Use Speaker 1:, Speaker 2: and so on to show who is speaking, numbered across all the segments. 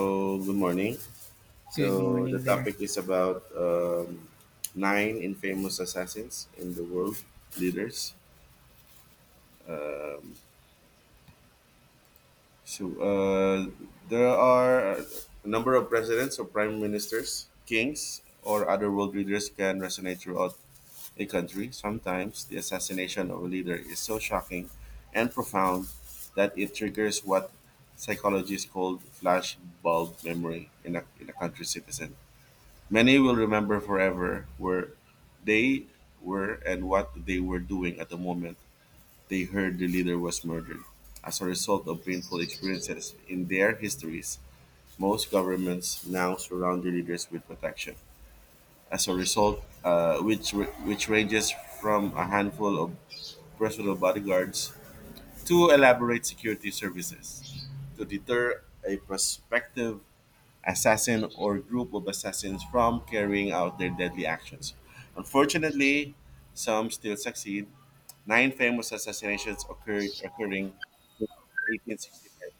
Speaker 1: So, good morning.
Speaker 2: Good
Speaker 1: So, the
Speaker 2: morning there.
Speaker 1: topic is about nine infamous assassins in the world leaders. So, there are a number of presidents or prime ministers, kings, or other world leaders can resonate throughout a country. Sometimes the assassination of a leader is so shocking and profound that it triggers what psychologists call flashbulb memory in a country's citizen. Many will remember forever where they were and what they were doing at the moment they heard the leader was murdered. As a result of painful experiences in their histories, most governments now surround their leaders with protection. As a result, which ranges from a handful of personal bodyguards to elaborate security services to deter a prospective assassin or group of assassins from carrying out their deadly actions. Unfortunately, some still succeed. Nine famous assassinations occurred occurring in 1865.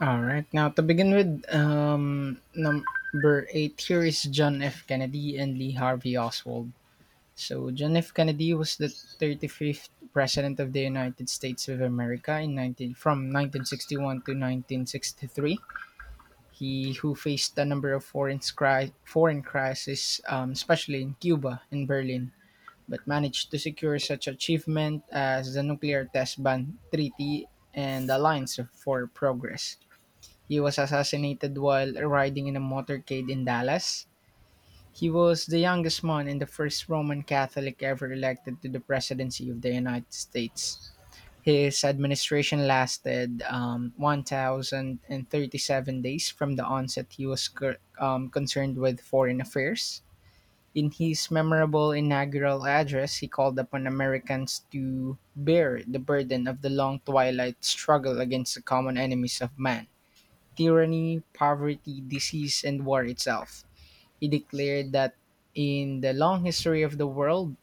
Speaker 2: All right. Now, to begin with, number eight here is John F. Kennedy and Lee Harvey Oswald. So, John F. Kennedy was the 35th President of the United States of America in 19, from 1961 to 1963. He who faced a number of foreign, foreign crises, especially in Cuba and Berlin, but managed to secure such achievement as the nuclear test ban treaty and the alliance for progress. He was assassinated while riding in a motorcade in Dallas. He was the youngest man and the first Roman Catholic ever elected to the presidency of the United States. His administration lasted 1,037 days. From the onset he was concerned with foreign affairs. In his memorable inaugural address, he called upon Americans to bear the burden of the long twilight struggle against the common enemies of man: tyranny, poverty, disease, and war itself. He declared that in the long history of the world,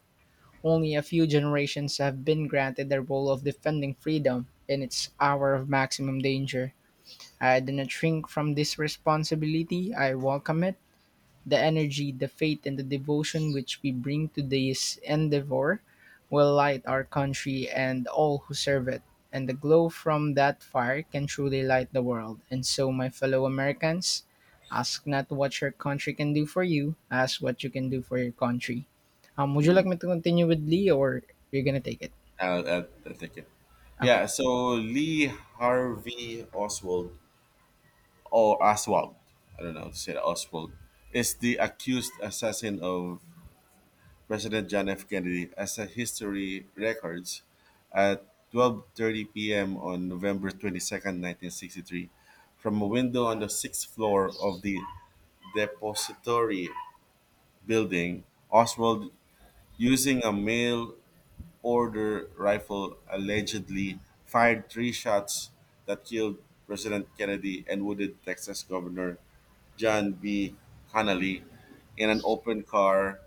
Speaker 2: only a few generations have been granted the role of defending freedom in its hour of maximum danger. I do not shrink from this responsibility, I welcome it, the energy, the faith, and the devotion which we bring to this endeavor will light our country and all who serve it. And the glow from that fire can truly light the world. And so, my fellow Americans, ask not what your country can do for you, ask what you can do for your country. Would you like me to continue with Lee or you're gonna take it?
Speaker 1: I'll take it.
Speaker 2: Okay.
Speaker 1: Yeah, so Lee Harvey Oswald or Oswald, I don't know how to say it, Oswald, is the accused assassin of President John F. Kennedy. As a history records, at 12:30 p.m. on November 22nd, 1963, from a window on the 6th floor of the depository building, Oswald, using a mail order rifle, allegedly fired three shots that killed President Kennedy and wounded Texas Governor John B. Connally in an open car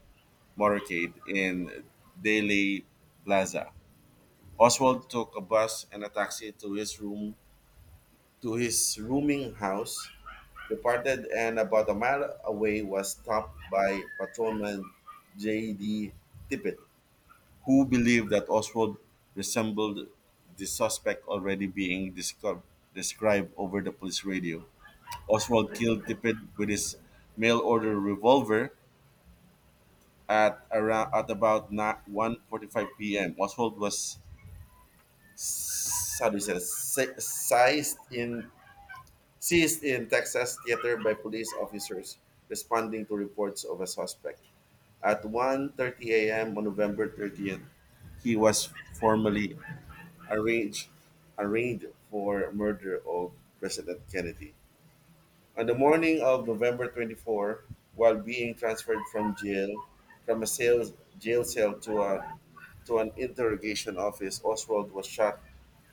Speaker 1: motorcade in Dealey Plaza. Oswald took a bus and a taxi to his rooming house, departed and about a mile away was stopped by patrolman J.D. Tippett, who believed that Oswald resembled the suspect already being discovered, described over the police radio. Oswald killed Tippett with his mail order revolver at about 1:45 p.m. Oswald was — how do you say this? Seized in Texas theater by police officers responding to reports of a suspect. At 1:30 a.m. on November 30th, he was formally arranged arraigned for murder of President Kennedy. On the morning of November 24th, while being transferred from jail, from a sales, jail cell to an interrogation office, Oswald was shot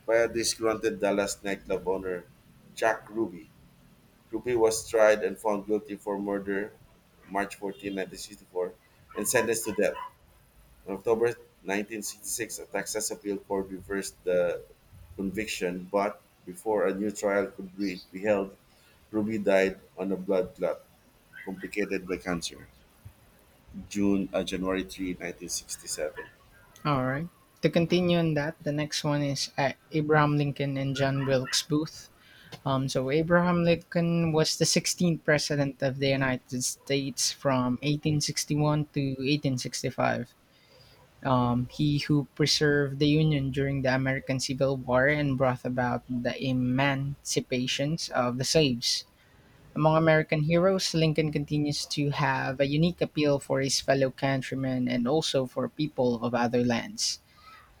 Speaker 1: by a disgruntled Dallas nightclub owner, Jack Ruby. Ruby was tried and found guilty for murder March 14, 1964, and sentenced to death. On October 1966, a Texas appeal court reversed the conviction, but before a new trial could be held, Ruby died on a blood clot complicated by cancer. January 3, 1967.
Speaker 2: All right. To continue on that, the next one is Abraham Lincoln and John Wilkes Booth. So Abraham Lincoln was the 16th president of the United States from 1861 to 1865. He who preserved the Union during the American Civil War and brought about the emancipations of the slaves. Among American heroes, Lincoln continues to have a unique appeal for his fellow countrymen and also for people of other lands.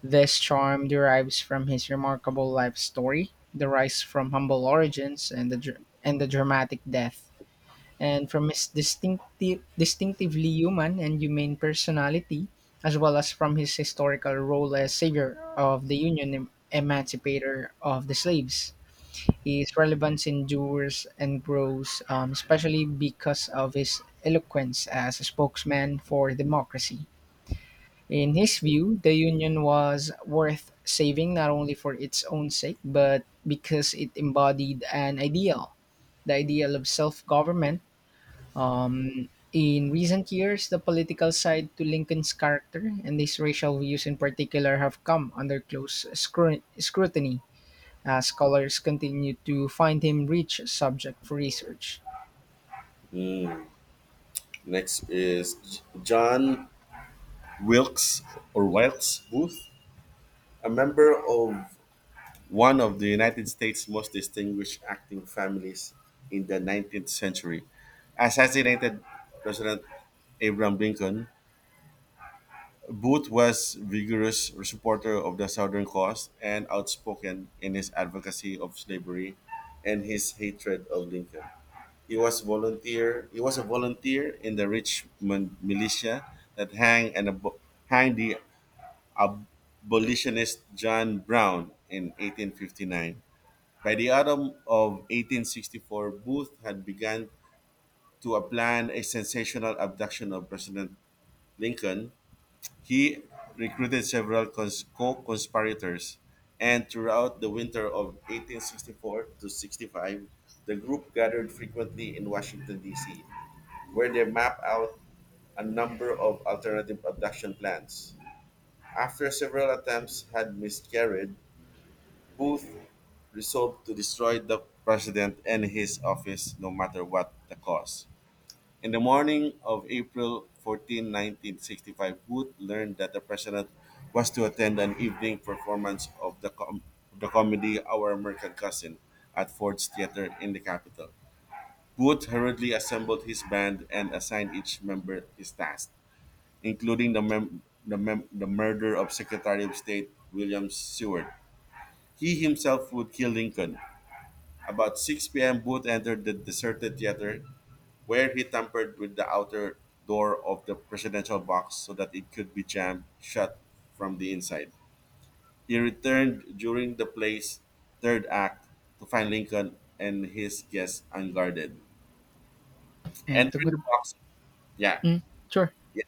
Speaker 2: This charm derives from his remarkable life story, the rise from humble origins and the dramatic death, and from his distinctively human and humane personality, as well as from his historical role as savior of the Union, emancipator of the slaves. His relevance endures and grows, especially because of his eloquence as a spokesman for democracy. In his view, the Union was worth saving not only for its own sake, but because it embodied an ideal, the ideal of self government. In recent years, the political side to Lincoln's character and his racial views in particular have come under close scrutiny as scholars continue to find him rich subject for research.
Speaker 1: Mm. Next is John Wilkes or Wilkes Booth, a member of one of the United States' most distinguished acting families in the 19th century. Assassinated President Abraham Lincoln, Booth was vigorous supporter of the Southern cause and outspoken in his advocacy of slavery and his hatred of Lincoln. He was a volunteer in the Richmond militia that hanged the abolitionist John Brown in 1859. By the autumn of 1864, Booth had begun to plan a sensational abduction of President Lincoln. He recruited several co-conspirators, and throughout the winter of 1864 to 65, the group gathered frequently in Washington, D.C., where they mapped out a number of alternative abduction plans. After several attempts had miscarried, Both resolved to destroy the president and his office, no matter what the cost. In the morning of April 14, 1965, Booth learned that the president was to attend an evening performance of the comedy Our American Cousin at Ford's Theater in the capital. Booth hurriedly assembled his band and assigned each member his task, including the murder of Secretary of State William Seward. He himself would kill Lincoln. About 6 p.m., Booth entered the deserted theater, where he tampered with the outer door of the presidential box so that it could be jammed shut from the inside. He returned during the play's third act to find Lincoln and his guests unguarded.
Speaker 2: And to
Speaker 1: Entering the
Speaker 2: good,
Speaker 1: box, yeah,
Speaker 2: mm, sure.
Speaker 1: yeah,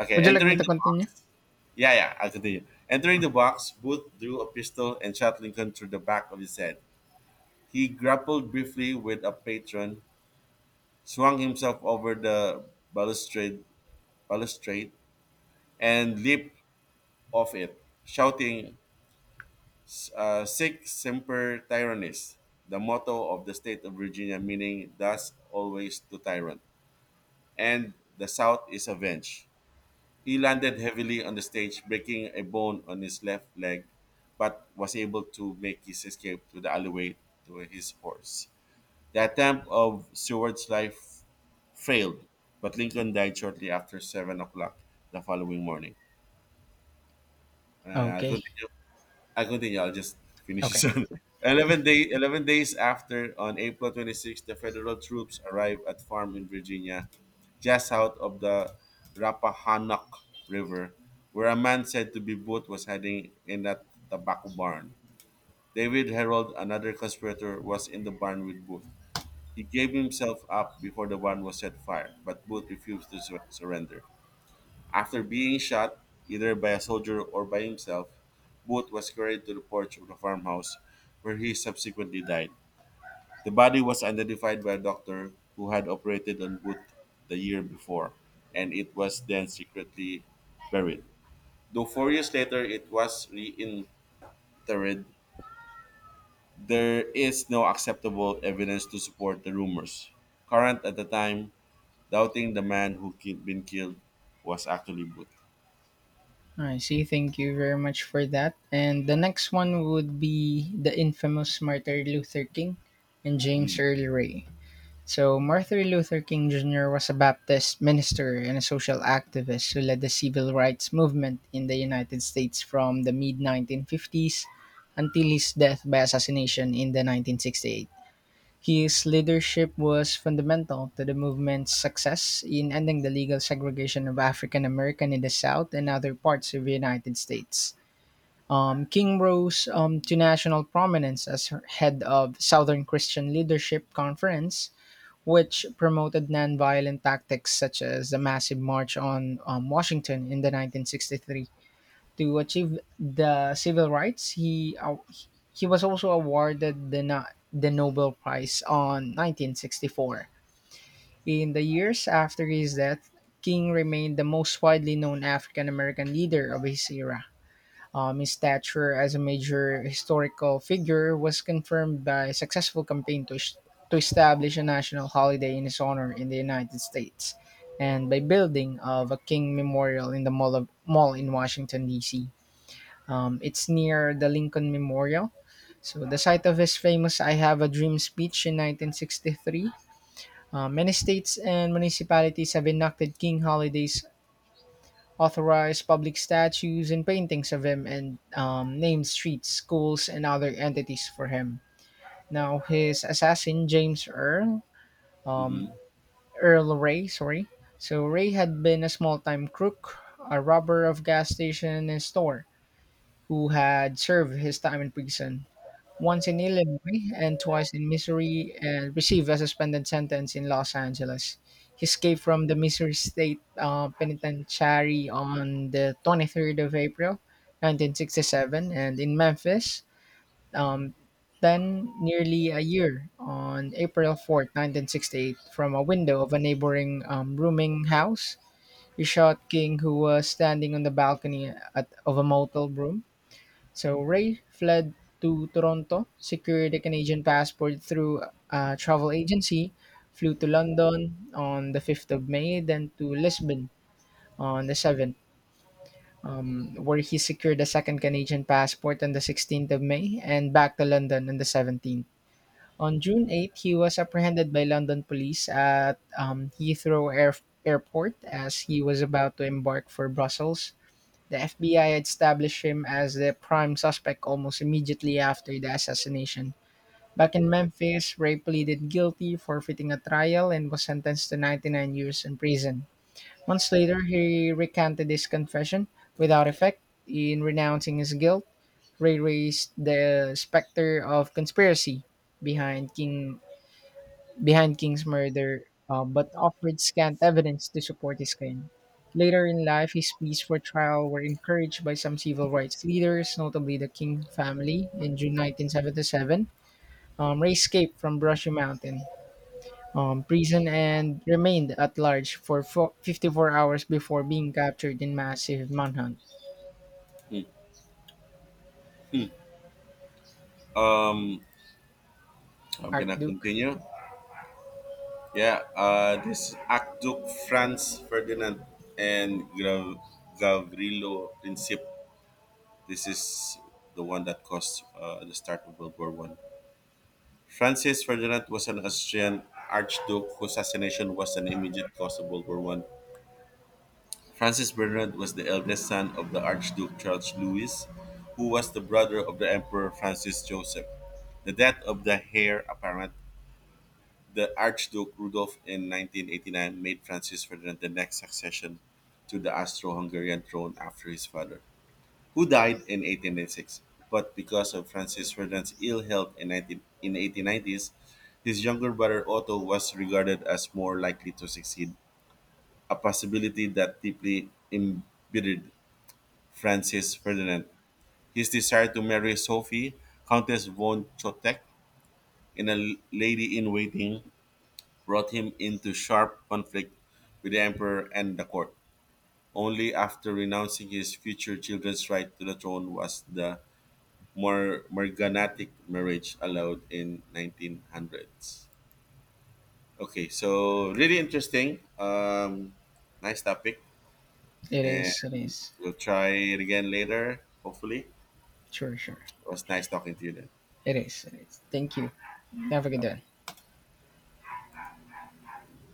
Speaker 1: okay,
Speaker 2: Would you like me to continue?
Speaker 1: yeah, yeah, I'll continue. Entering the box, Booth drew a pistol and shot Lincoln through the back of his head. He grappled briefly with a patron, swung himself over the balustrade, balustrade and leaped off it, shouting, Sic semper tyrannis, the motto of the state of Virginia, meaning thus always to tyrant, and the South is avenged. He landed heavily on the stage, breaking a bone on his left leg, but was able to make his escape to the alleyway to his horse. The attempt of Seward's life failed, but Lincoln died shortly after 7 o'clock the following morning. I'll
Speaker 2: Okay.
Speaker 1: continue. I'll just finish this
Speaker 2: Okay.
Speaker 1: one. 11 days after, on April 26, the federal troops arrived at farm in Virginia, just south of the Rappahannock River, where a man said to be Booth was hiding in a tobacco barn. David Herold, another conspirator, was in the barn with Booth. He gave himself up before the barn was set fire, but Booth refused to surrender. After being shot, either by a soldier or by himself, Booth was carried to the porch of the farmhouse, where he subsequently died. The body was identified by a doctor who had operated on Booth the year before, and it was then secretly buried. Though 4 years later it was reinterred, there is no acceptable evidence to support the rumors current at the time, doubting the man who had been killed was actually Booth.
Speaker 2: I see. Thank you very much for that. And the next one would be the infamous Martin Luther King and James
Speaker 1: Mm.
Speaker 2: Earl Ray. So, Martin Luther King Jr. was a Baptist minister and a social activist who led the civil rights movement in the United States from the mid 1950s until his death by assassination in the 1968. His leadership was fundamental to the movement's success in ending the legal segregation of African American in the South and other parts of the United States. King rose to national prominence as head of Southern Christian Leadership Conference, which promoted nonviolent tactics such as the massive march on Washington in the 1963 to achieve the civil rights. He was also awarded the the Nobel Prize on 1964. In the years after his death, King remained the most widely known African American leader of his era. His stature as a major historical figure was confirmed by a successful campaign to, to establish a national holiday in his honor in the United States and by building of a King Memorial in the Mall in Washington, D.C. It's near the Lincoln Memorial. So, the site of his famous I Have a Dream speech in 1963. Many states and municipalities have enacted King holidays, authorized public statues and paintings of him, and named streets, schools, and other entities for him. Now, his assassin, James Earl, um,
Speaker 1: Mhm.
Speaker 2: Earl Ray, sorry. So, Ray had been a small time crook, a robber of gas station and store, who had served his time in prison. Once in Illinois and twice in Missouri, and received a suspended sentence in Los Angeles. He escaped from the Missouri State Penitentiary on the 23rd of April, 1967, and in Memphis, um, then nearly a year on April 4th, 1968, from a window of a neighboring rooming house. He shot King, who was standing on the balcony at, of a motel room. So Ray fled to Toronto, secured a Canadian passport through a travel agency, flew to London on the 5th of May, then to Lisbon on the 7th, where he secured a second Canadian passport on the 16th of May and back to London on the 17th. On June 8th, he was apprehended by London police at Heathrow Airport as he was about to embark for Brussels. The FBI established him as the prime suspect almost immediately after the assassination. Back in Memphis, Ray pleaded guilty, forfeiting a trial, and was sentenced to 99 years in prison. Months later, he recanted his confession without effect. In renouncing his guilt, Ray raised the specter of conspiracy behind King behind King's murder, but offered scant evidence to support his claim. Later in life, his pleas for trial were encouraged by some civil rights leaders, notably the King family. In June 1977, Ray escaped from Brushy Mountain prison and remained at large for 54 hours before being captured in massive manhunt.
Speaker 1: Mm. Um, I'm gonna
Speaker 2: Archduke?
Speaker 1: continue. Yeah, this Archduke Franz Ferdinand and Gavrilo Princip. This is the one that caused the start of World War One. Francis Ferdinand was an Austrian archduke whose assassination was an immediate cause of World War One. Francis Ferdinand was the eldest son of the Archduke Charles Louis, who was the brother of the Emperor Francis Joseph. The death of the heir apparent, the Archduke Rudolf, in 1989 made Francis Ferdinand the next succession to the Austro-Hungarian throne after his father, who died in 1896. But because of Francis Ferdinand's ill health in 1890s, his younger brother Otto was regarded as more likely to succeed, a possibility that deeply embittered Francis Ferdinand. His desire to marry Sophie, Countess von Chotek, and a lady in waiting brought him into sharp conflict with the emperor and the court. Only after renouncing his future children's right to the throne was the more morganatic marriage allowed in 1900s. Okay, so really interesting. Nice topic,
Speaker 2: It
Speaker 1: and
Speaker 2: is, it is.
Speaker 1: we'll try it again later. Hopefully, it
Speaker 2: Sure, sure.
Speaker 1: was nice talking to you then.
Speaker 2: It is, it is. Thank you. Have a good day.